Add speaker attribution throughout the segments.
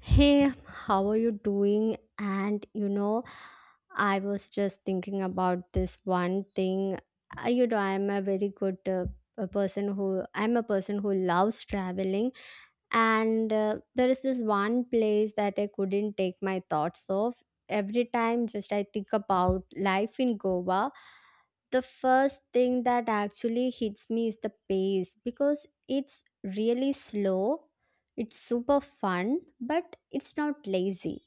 Speaker 1: Hey, how are you doing? I was just thinking about this one thing. I'm a very good a person who I'm a person who loves traveling, and there is this one place that I couldn't take my thoughts off. Every time, just I think about life in Goa, the first thing that actually hits me is the pace because it's really slow, it's super fun, but it's not lazy.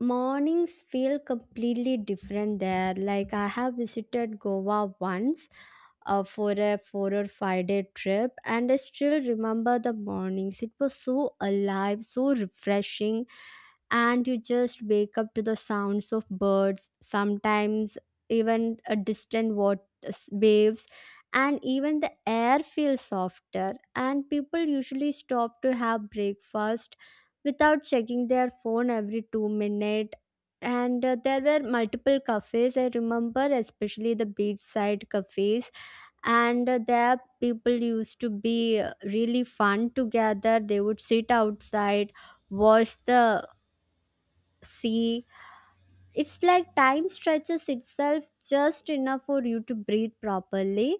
Speaker 1: Mornings feel completely different there. Like I have visited Goa once for a 4 or 5 day trip, and I still remember the mornings. It was so alive, so refreshing, and you just wake up to the sounds of birds, sometimes even a distant water waves, and even the air feels softer, and people usually stop to have breakfast without checking their phone every 2 minutes. And there were multiple cafes, I remember, especially the beachside cafes. And there, people used to be really fun together. They would sit outside, watch the See, it's like time stretches itself just enough for you to breathe properly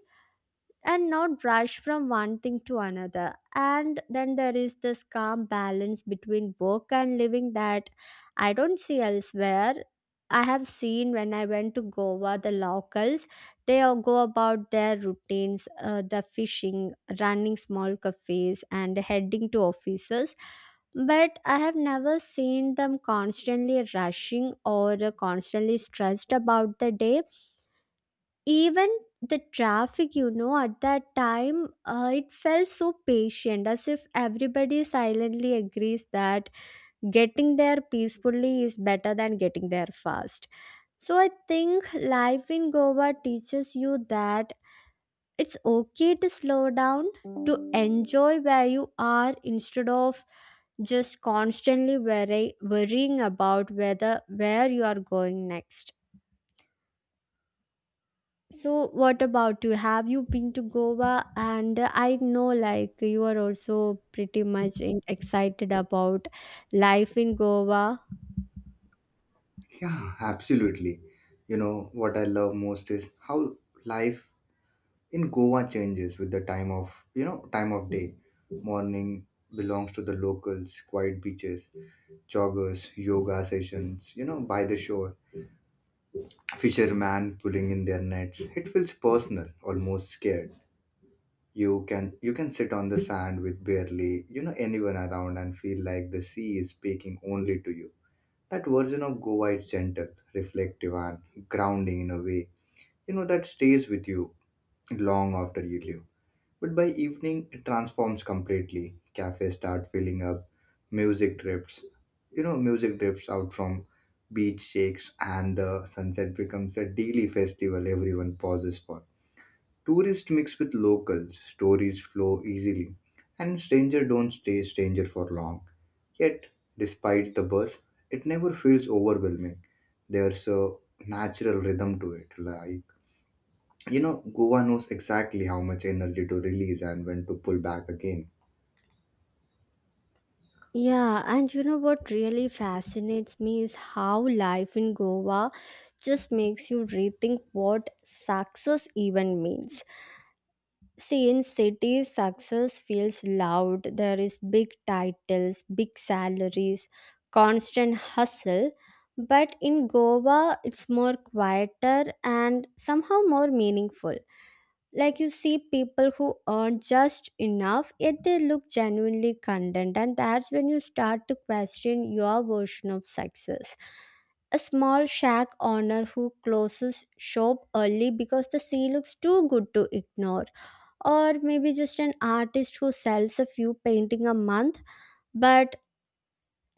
Speaker 1: and not rush from one thing to another. And then there is this calm balance between work and living that I don't see elsewhere. I have seen, when I went to Goa, the locals, they all go about their routines, the fishing, running small cafes, and heading to offices. But I have never seen them constantly rushing or constantly stressed about the day, even the traffic, you know, at that time. It felt so patient, as if everybody silently agrees that getting there peacefully is better than getting there fast. So I think life in Goa teaches you that it's okay to slow down, to enjoy where you are, instead of just constantly worrying about whether where you are going next. So, what about you? Have you been to Goa? And I know, like, you are also pretty much excited about life in Goa.
Speaker 2: Yeah, absolutely. What I love most is how life in Goa changes with the time of day. Morning belongs to the locals, quiet beaches, joggers, yoga sessions, by the shore, fishermen pulling in their nets. It feels personal, almost scared. You can sit on the sand with barely, anyone around and feel like the sea is speaking only to you. That version of Goa is gentle, reflective and grounding in a way that stays with you long after you leave. But by evening it transforms completely. Cafes start filling up, music drifts music drifts out from beach shakes, and the sunset becomes a daily festival everyone pauses for. Tourists mix with locals, stories flow easily, and stranger don't stay stranger for long. Yet despite the buzz, it never feels overwhelming. There's a natural rhythm to it, like Goa knows exactly how much energy to release and when to pull back again.
Speaker 1: Yeah, and you know what really fascinates me is how life in Goa just makes you rethink what success even means. See, in cities, success feels loud. There is big titles, big salaries, constant hustle. But in Goa, it's more quieter and somehow more meaningful. Like, you see people who earn just enough, yet they look genuinely content. And that's when you start to question your version of success. A small shack owner who closes shop early because the sea looks too good to ignore, or maybe just an artist who sells a few painting a month, but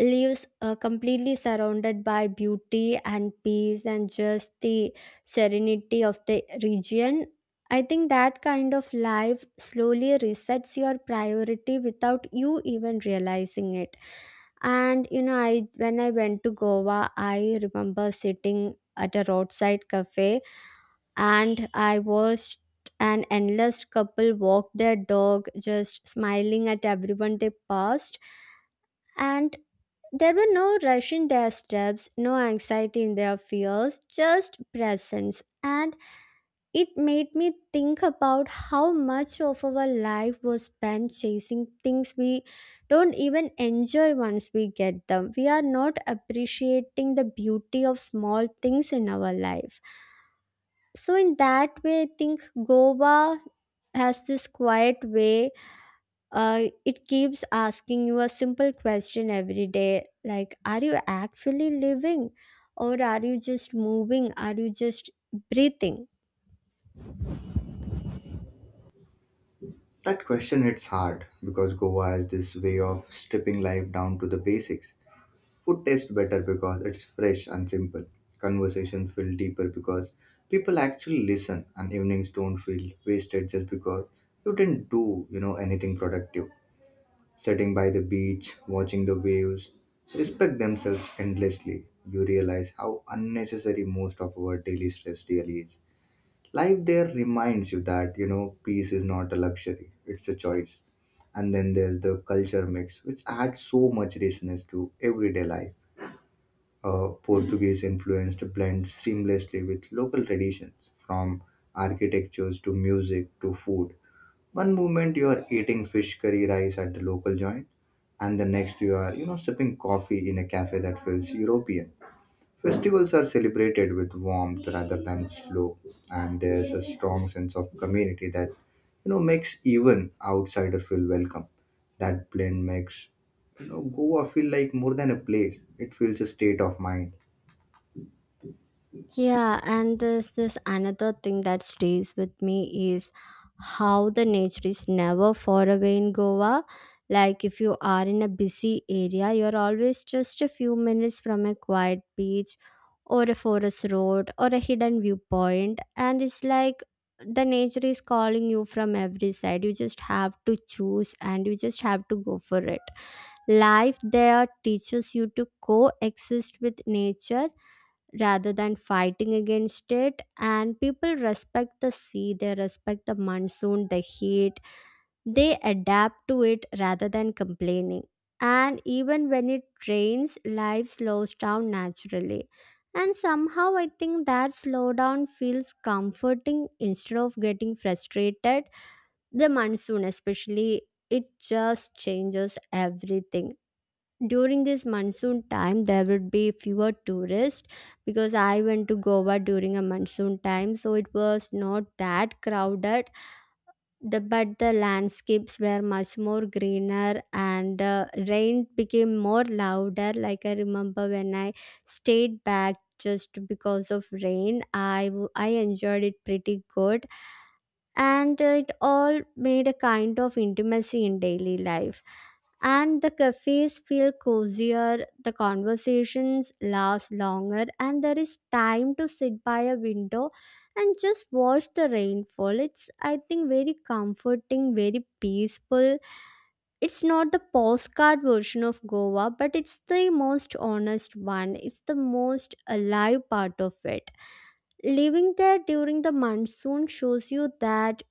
Speaker 1: lives completely surrounded by beauty and peace and just the serenity of the region. I think that kind of life slowly resets your priority without you even realizing it. And you know I when I went to Goa, I remember sitting at a roadside cafe, and I watched an endless couple walk their dog, just smiling at everyone they passed. And there were no rush in their steps, no anxiety in their fears, just presence. And it made me think about how much of our life was spent chasing things we don't even enjoy once we get them. We are not appreciating the beauty of small things in our life. So in that way, I think Goa has this quiet way. It keeps asking you a simple question every day, like, are you actually living, or are you just moving? Are you just breathing?
Speaker 2: That question hits hard because Goa has this way of stripping life down to the basics. Food tastes better because it's fresh and simple. Conversations feel deeper because people actually listen, and evenings don't feel wasted just because you didn't do, anything productive. Sitting by the beach, watching the waves, respect themselves endlessly. You realize how unnecessary most of our daily stress really is. Life there reminds you that, peace is not a luxury, it's a choice. And then there's the culture mix, which adds so much richness to everyday life. Portuguese influence to blend seamlessly with local traditions, from architectures to music to food. One moment you are eating fish curry rice at the local joint, and the next you are, sipping coffee in a cafe that feels European. Festivals are celebrated with warmth rather than slow, and there's a strong sense of community that makes even outsider feel welcome. That blend makes Goa feel like more than a place; it feels a state of mind.
Speaker 1: Yeah, and there's this another thing that stays with me is how the nature is never far away in Goa. Like, if you are in a busy area, you're always just a few minutes from a quiet beach or a forest road or a hidden viewpoint, and it's like the nature is calling you from every side. You just have to choose, and you just have to go for it. Life there teaches you to coexist with nature rather than fighting against it, and people respect the sea, they respect the monsoon, the heat. They adapt to it rather than complaining. And even when it rains, life slows down naturally, and somehow I think that slowdown feels comforting instead of getting frustrated. The monsoon especially, it just changes everything. During this monsoon time, there would be fewer tourists, because I went to Goa during a monsoon time, so it was not that crowded. But the landscapes were much more greener, and rain became more louder. Like I remember, when I stayed back just because of rain, I enjoyed it pretty good. And it all made a kind of intimacy in daily life, and the cafes feel cozier, the conversations last longer, and there is time to sit by a window and just watch the rainfall. It's, I think, very comforting, very peaceful. It's not the postcard version of Goa, but it's the most honest one, it's the most alive part of it. Living there during the monsoon shows you that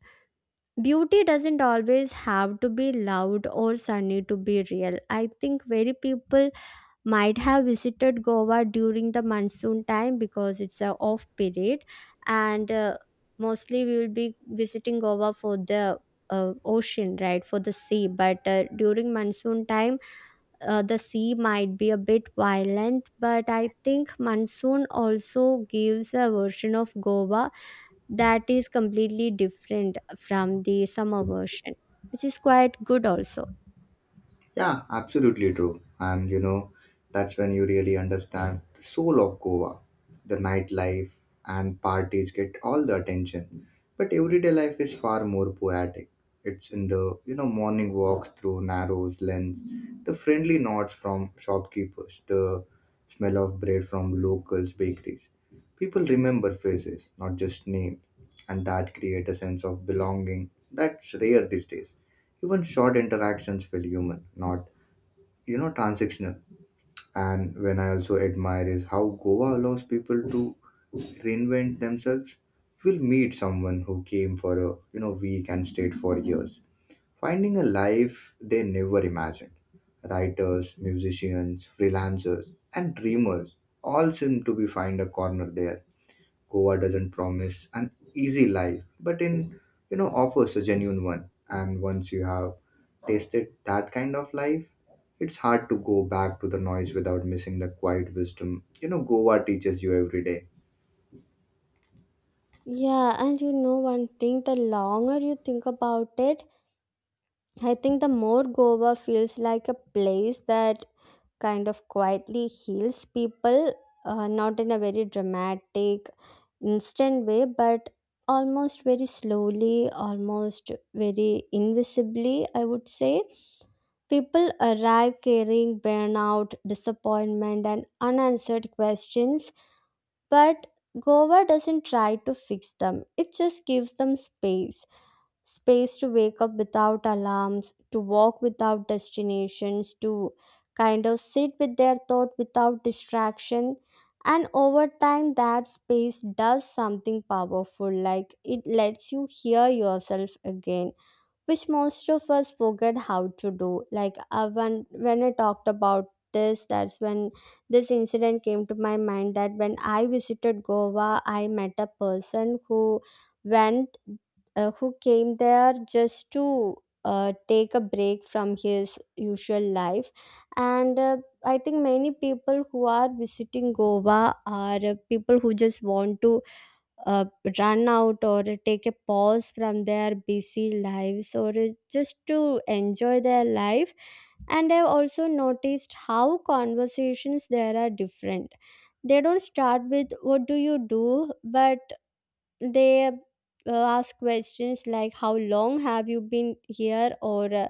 Speaker 1: beauty doesn't always have to be loud or sunny to be real. I think very people might have visited Goa during the monsoon time, because it's a off period, and mostly we will be visiting Goa for the ocean, right, for the sea. But during monsoon time, the sea might be a bit violent, but I think monsoon also gives a version of Goa that is completely different from the summer version, which is quite good also.
Speaker 2: Yeah, absolutely true. And that's when you really understand the soul of Goa. The nightlife and parties get all the attention, but everyday life is far more poetic. It's in the morning walks through narrows lanes, the friendly nods from shopkeepers, the smell of bread from locals' bakeries. People remember faces, not just names, and that create a sense of belonging that's rare these days. Even short interactions feel human, not transactional. And when I also admire is how Goa allows people to reinvent themselves. You will meet someone who came for a week and stayed for years, finding a life they never imagined. Writers, musicians, freelancers, and dreamers all seem to be find a corner there. Goa doesn't promise an easy life, but in offers a genuine one. And once you have tasted that kind of life, it's hard to go back to the noise without missing the quiet wisdom. Goa teaches you every day.
Speaker 1: Yeah, and you know one thing, the longer you think about it, I think the more Goa feels like a place that kind of quietly heals people, not in a very dramatic, instant way, but almost very slowly, almost very invisibly, I would say. People arrive carrying burnout, disappointment, and unanswered questions, but Goa doesn't try to fix them. It just gives them space, space to wake up without alarms, to walk without destinations, to kind of sit with their thought without distraction. And over time, that space does something powerful, like it lets you hear yourself again, which most of us forget how to do. Like when I talked about this, that's when this incident came to my mind. That when I visited Goa, I met a person who went who came there just to take a break from his usual life. And I think many people who are visiting Goa are people who just want to uh, run out or take a pause from their busy lives or just to enjoy their life. And I've also noticed how conversations there are different. They don't start with what do you do, but they ask questions like how long have you been here, or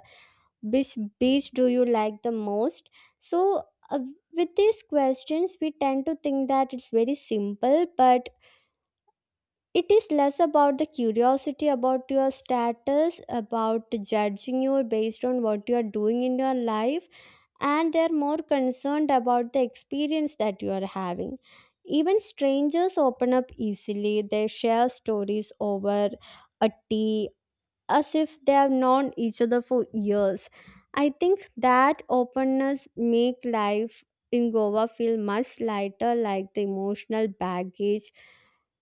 Speaker 1: which beach do you like the most. So uh, with these questions, we tend to think that it's very simple, but it is less about the curiosity about your status, about judging you based on what you are doing in your life, and they are more concerned about the experience that you are having. Even strangers open up easily, they share stories over a tea as if they have known each other for years. I think that openness make life in Goa feel much lighter, like the emotional baggage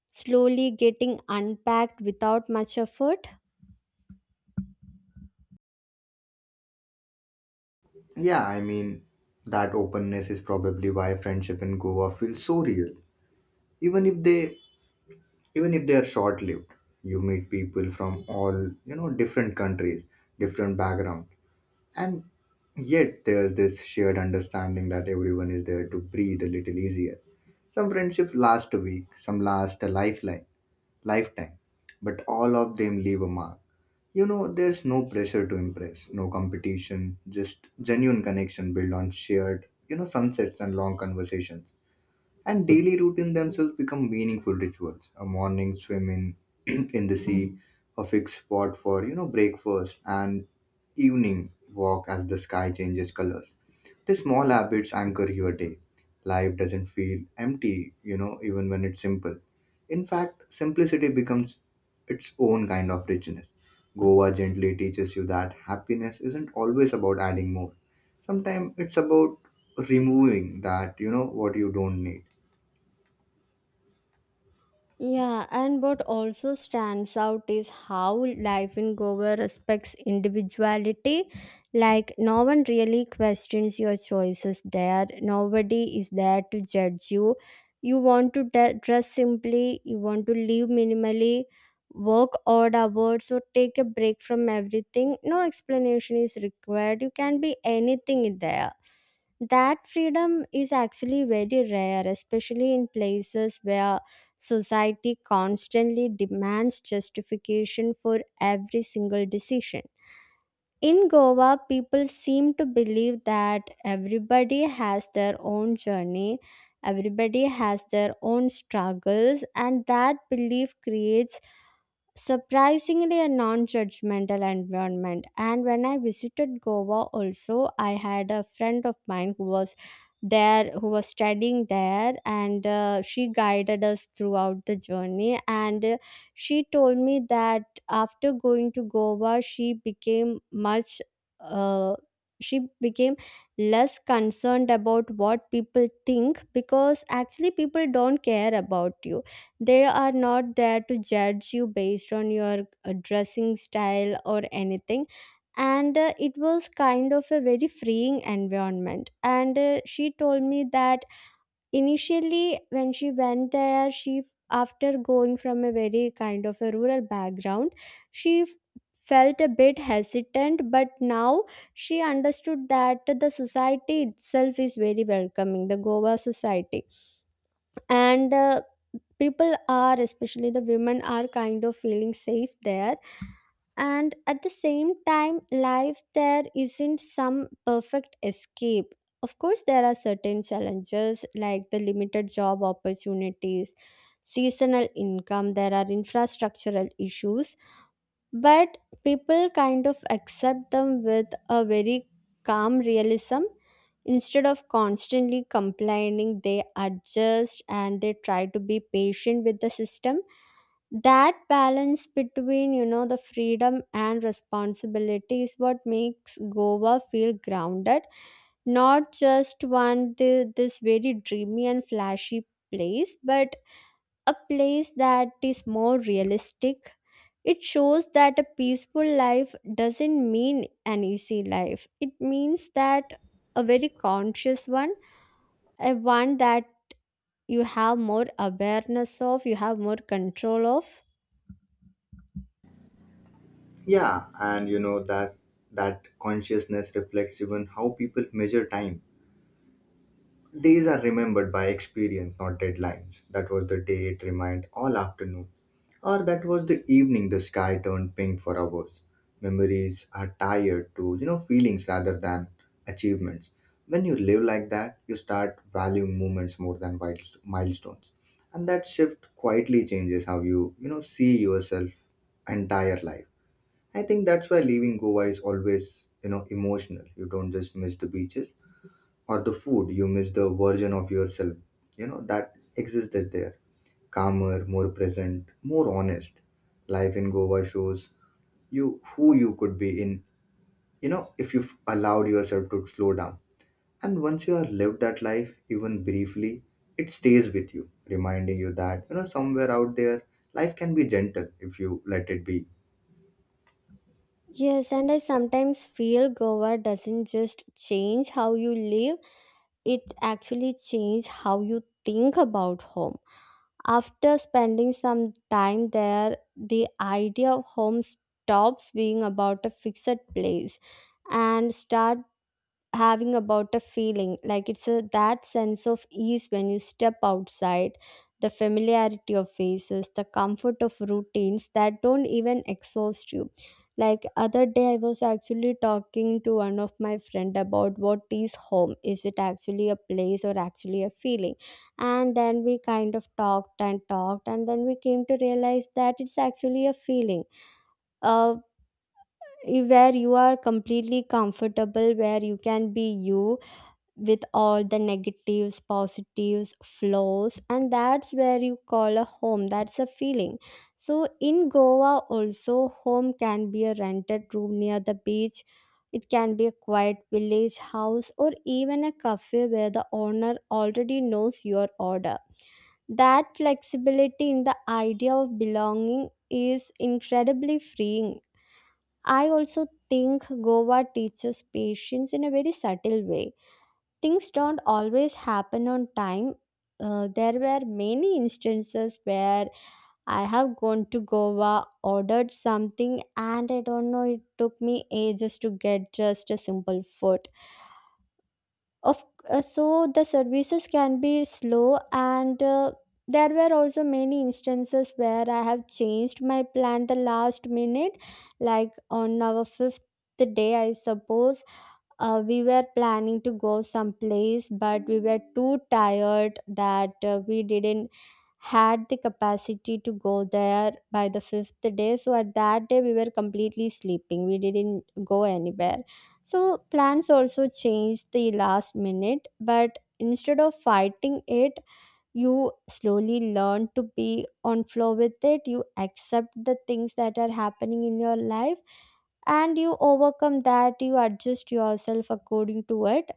Speaker 1: slowly getting unpacked without much effort.
Speaker 2: Yeah, I mean that openness is probably why friendship in Goa feels so real. Even if they even if they are short lived. You meet people from all, different countries, different backgrounds. And yet, there's this shared understanding that everyone is there to breathe a little easier. Some friendships last a week, some last a lifetime, but all of them leave a mark. There's no pressure to impress, no competition, just genuine connection built on shared, sunsets and long conversations. And daily routine themselves become meaningful rituals. A morning swim in the sea, a fixed spot for breakfast, and evening walk as the sky changes colors. The small habits anchor your day. Life doesn't feel empty, even when it's simple. In fact, simplicity becomes its own kind of richness. Goa gently teaches you that happiness isn't always about adding more. Sometimes it's about removing that, what you don't need.
Speaker 1: Yeah, and what also stands out is how life in Goa respects individuality. Like, no one really questions your choices there, nobody is there to judge you. You want to dress simply, you want to live minimally, work odd hours, or take a break from everything. No explanation is required. You can be anything there. That freedom is actually very rare, especially in places where society constantly demands justification for every single decision. In Goa, people seem to believe that everybody has their own journey, everybody has their own struggles, and that belief creates surprisingly a non-judgmental environment. And when I visited Goa also, I had a friend of mine who was there, who was studying there, and she guided us throughout the journey. And she told me that after going to Goa, she became much uh, she became less concerned about what people think, because actually people don't care about you, they are not there to judge you based on your dressing style or anything. And it was kind of a very freeing environment. And she told me that initially, when she went there, she, after going from a very kind of a rural background, she felt a bit hesitant, but now she understood that the society itself is very welcoming, the Goa society. And People are, especially the women, are kind of feeling safe there, and at the same time life there isn't some perfect escape. Of course there are certain challenges like the limited job opportunities, seasonal income, there are infrastructural issues, but people kind of accept them with a very calm realism. Instead of constantly complaining, they adjust and they try to be patient with the system. That balance between, you know, the freedom and responsibility is what makes Goa feel grounded, not just this very dreamy and flashy place, but a place that is more realistic. It shows that a peaceful life doesn't mean an easy life. It means that a very conscious one, a one that you have more awareness of, you have more control of.
Speaker 2: Yeah, and that consciousness reflects even how people measure time. Days are remembered by experience, not deadlines. That was the day it remained all afternoon, or that was the evening the sky turned pink for hours. Memories are tied to feelings rather than achievements. When you live like that, you start valuing moments more than milestones, and that shift quietly changes how you you know see yourself entire life. I think that's why leaving Goa is always, emotional. You don't just miss the beaches or the food, you miss the version of yourself, that existed there. Calmer, more present, more honest. Life in Goa shows you who you could be in, if you've allowed yourself to slow down. And once you have lived that life, even briefly, it stays with you, reminding you that, somewhere out there, life can be gentle if you let it be.
Speaker 1: Yes, and I sometimes feel Goa doesn't just change how you live, it actually changes how you think about home. After spending some time there, the idea of home stops being about a fixed place and start having about a feeling, like it's a that sense of ease when you step outside, the familiarity of faces, the comfort of routines that don't even exhaust you. Like, other day I was actually talking to one of my friend about what is home, is it actually a place or actually a feeling? And then we kind of talked and then we came to realize that it's actually a feeling, uh, where you are completely comfortable, where you can be you with all the negatives, positives, flaws, and that's where you call a home. That's a feeling. So, in Goa, also, home can be a rented room near the beach. It can be a quiet village house or even a cafe where the owner already knows your order. That flexibility in the idea of belonging is incredibly freeing. I also think Goa teaches patience in a very subtle way. Things don't always happen on time. There were many instances where I have gone to Goa, ordered something, and I don't know, it took me ages to get just a simple food. Of So the services can be slow, and there were also many instances where I have changed my plan the last minute, like on our fifth day, I suppose we were planning to go someplace but we were too tired that we didn't had the capacity to go there by the fifth day, so at that day we were completely sleeping, we didn't go anywhere. So plans also changed the last minute, but instead of fighting it, you slowly learn to be on flow with it, you accept the things that are happening in your life and you overcome that, you adjust yourself according to it.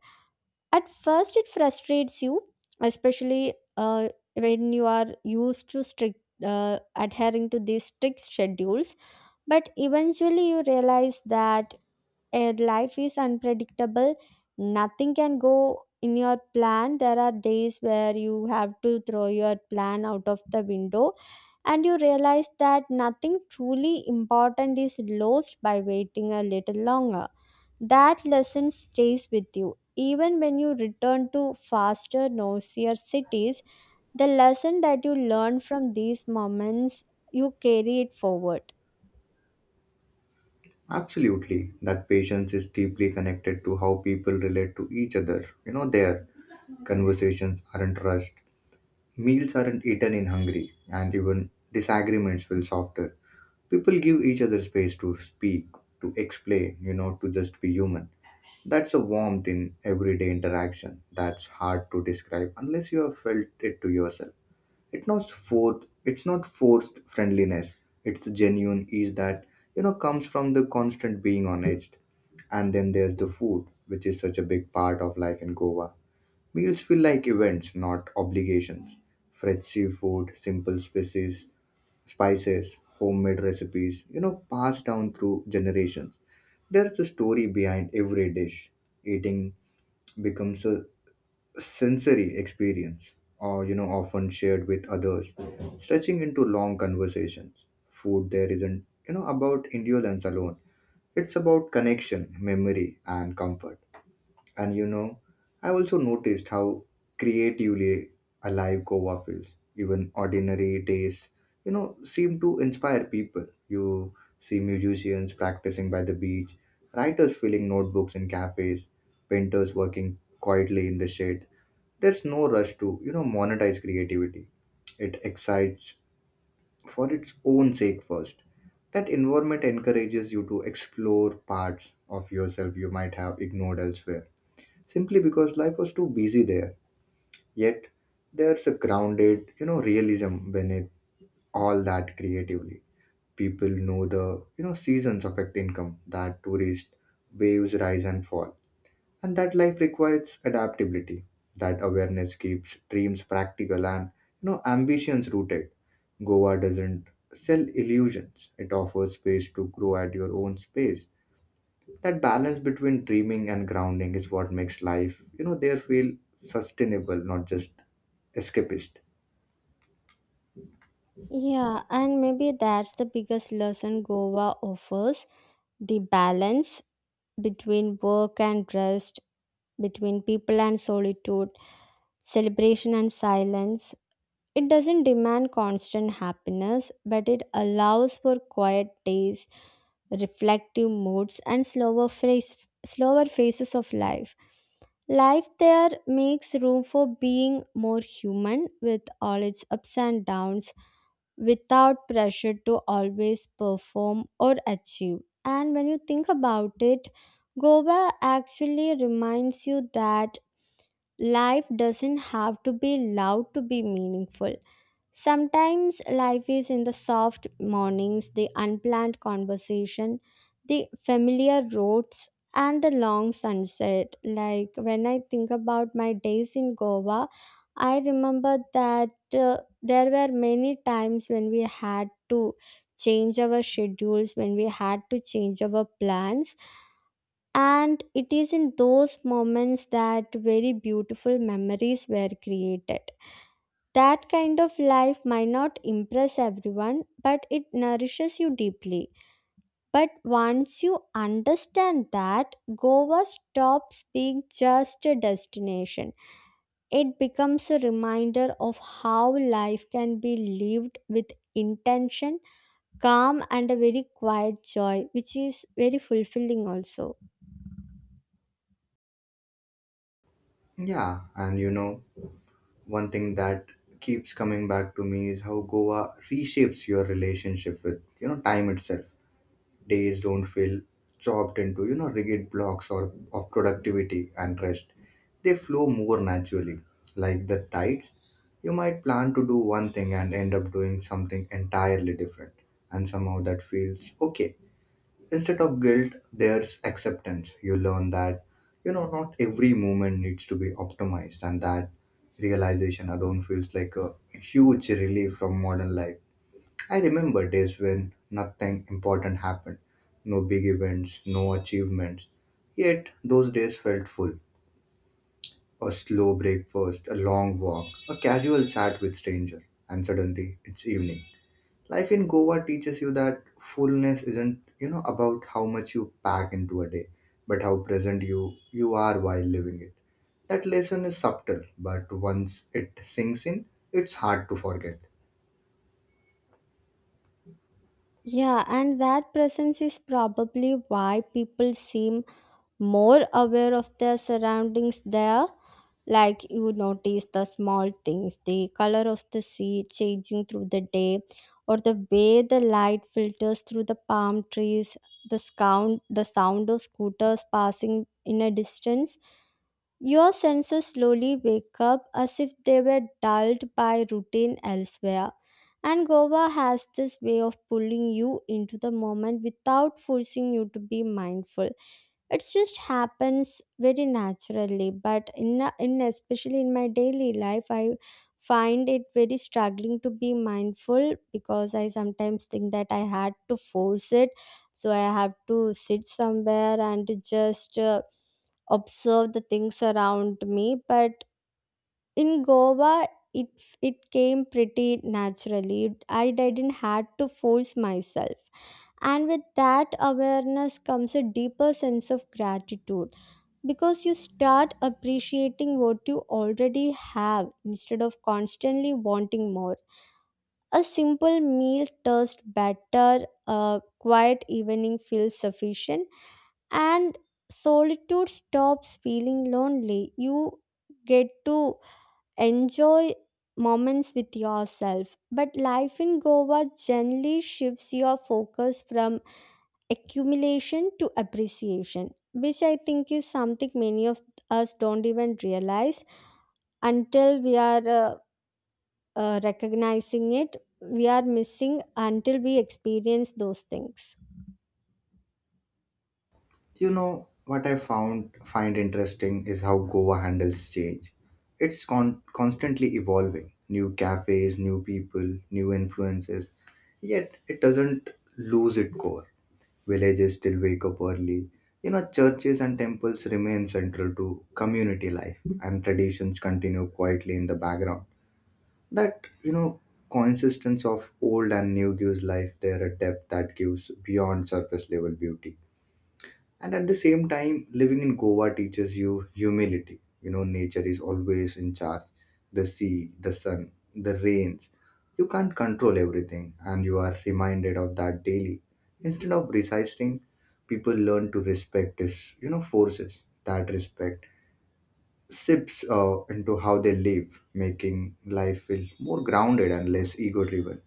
Speaker 1: At first it frustrates you, especially when you are used to strict adhering to these strict schedules, but eventually you realize that and life is unpredictable, nothing can go in your plan, there are days where you have to throw your plan out of the window, and you realize that nothing truly important is lost by waiting a little longer. That lesson stays with you even when you return to faster, noisier cities. The lesson that you learn from these moments, you carry it forward.
Speaker 2: Absolutely. That patience is deeply connected to how people relate to each other. Their conversations aren't rushed, meals aren't eaten in hungry, and even disagreements feel softer. People give each other space to speak, to explain, to just be human. That's a warmth in everyday interaction that's hard to describe unless you have felt it to yourself. It's not forced. It's not forced friendliness. It's genuine ease that comes from the constant being honest. And then there's the food, which is such a big part of life in Goa. Meals feel like events, not obligations. Fresh seafood, simple spices, homemade recipes, passed down through generations. There's a story behind every dish. Eating becomes a sensory experience, or often shared with others, stretching into long conversations. Food there isn't about indolence alone, it's about connection, memory, and comfort. And I also noticed how creatively alive Goa feels. Even ordinary days, seem to inspire people. You see musicians practicing by the beach, writers filling notebooks in cafes, painters working quietly in the shade. There's no rush to, monetize creativity. It excites for its own sake first. That environment encourages you to explore parts of yourself you might have ignored elsewhere simply because life was too busy there. Yet, there's a grounded, realism beneath all that creatively. People know the, seasons affect income, that tourist waves rise and fall, and that life requires adaptability. That awareness keeps dreams practical, and, ambitions rooted. Goa doesn't sell illusions, it offers space to grow at your own space. That balance between dreaming and grounding is what makes life there feel sustainable, not just escapist.
Speaker 1: Yeah, and maybe that's the biggest lesson Goa offers, the balance between work and rest, between people and solitude, celebration and silence. It doesn't demand constant happiness, but it allows for quiet days, reflective moods, and slower phases of life. Life there makes room for being more human with all its ups and downs without pressure to always perform or achieve. And when you think about it, Goa actually reminds you that life doesn't have to be loud to be meaningful. Sometimes life is in the soft mornings, the unplanned conversation, the familiar roads, and the long sunset. Like when I think about my days in Goa, I remember that there were many times when we had to change our schedules, when we had to change our plans. And it is in those moments that very beautiful memories were created. That kind of life might not impress everyone, but it nourishes you deeply. But once you understand that, Goa stops being just a destination. It becomes a reminder of how life can be lived with intention, calm, and a very quiet joy, which is very fulfilling also.
Speaker 2: Yeah, and one thing that keeps coming back to me is how Goa reshapes your relationship with time itself. Days don't feel chopped into rigid blocks or of productivity and rest. They flow more naturally, like the tides. You might plan to do one thing and end up doing something entirely different, and somehow that feels okay. Instead of guilt, there's acceptance. You learn that not every moment needs to be optimized, and that realization alone feels like a huge relief from modern life. I remember days when nothing important happened, no big events, no achievements. Yet those days felt full. A slow breakfast, a long walk, a casual chat with stranger, and suddenly it's evening. Life in Goa teaches you that fullness isn't, about how much you pack into a day, but how present you are while living it. That lesson is subtle, but once it sinks in, it's hard to forget.
Speaker 1: Yeah, and that presence is probably why people seem more aware of their surroundings there. Like you notice the small things, the color of the sea changing through the day, or the way the light filters through the palm trees, the sound of scooters passing in a distance. Your senses slowly wake up as if they were dulled by routine elsewhere. And Goa has this way of pulling you into the moment without forcing you to be mindful. It just happens very naturally, but in, especially in my daily life, I find it very struggling to be mindful because I sometimes think that I had to force it. So I have to sit somewhere and to just observe the things around me, but in Goa, it it came pretty naturally, I didn't had to force myself. And with that awareness comes a deeper sense of gratitude, because you start appreciating what you already have instead of constantly wanting more. A simple meal tastes better, a quiet evening feels sufficient, and solitude stops feeling lonely. You get to enjoy moments with yourself. But life in Goa generally shifts your focus from accumulation to appreciation, which I think is something many of us don't even realize until we are recognizing it. We are missing until we experience those things.
Speaker 2: You know what I found find interesting is how Goa handles change. It's constantly evolving, new cafes, new people, new influences. Yet it doesn't lose its core. Villages still wake up early. Churches and temples remain central to community life, and traditions continue quietly in the background. That coexistence of old and new gives life there a depth that gives beyond surface level beauty. And at the same time, living in Goa teaches you humility. Nature is always in charge. The sea, the sun, the rains. You can't control everything, and you are reminded of that daily. Instead of resisting, people learn to respect this, forces. That respect sips into how they live, making life feel more grounded and less ego driven.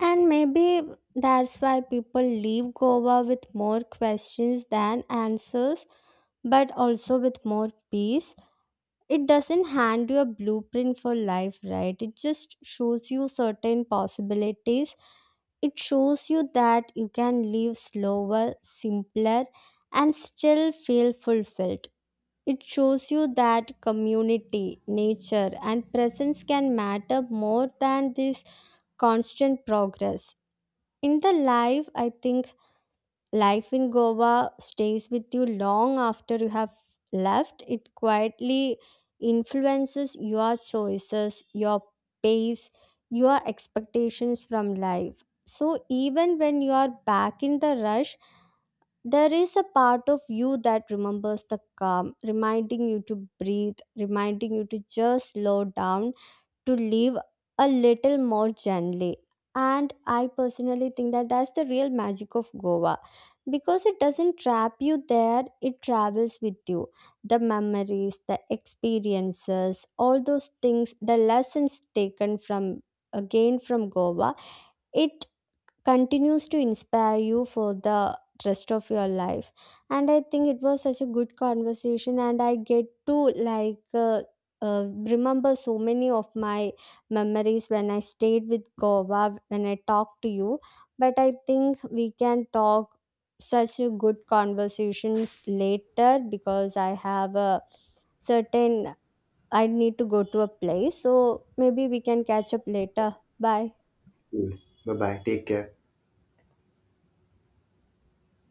Speaker 1: And maybe that's why people leave Goa with more questions than answers, but also with more peace. It doesn't hand you a blueprint for life, right? It just shows you certain possibilities. It shows you that you can live slower, simpler, and still feel fulfilled. It shows you that community, nature, and presence can matter more than this constant progress in the life. I think life in Goa stays with you long after you have left. It quietly influences your choices, your pace, your expectations from life. So even when you are back in the rush, there is a part of you that remembers the calm, reminding you to breathe, reminding you to just slow down, to live a little more gently. And I personally think that that's the real magic of Goa, because it doesn't trap you there, it travels with you. The memories, the experiences, all those things, the lessons taken from, again, from Goa, it continues to inspire you for the rest of your life. And I think it was such a good conversation and I get to, like, uh, uh, remember so many of my memories when I stayed with Goa, when I talked to you. But I think we can talk such a good conversations later because I have a certain, I need to go to a place, so maybe we can catch up later. Bye.
Speaker 2: Cool. Bye bye. Take care.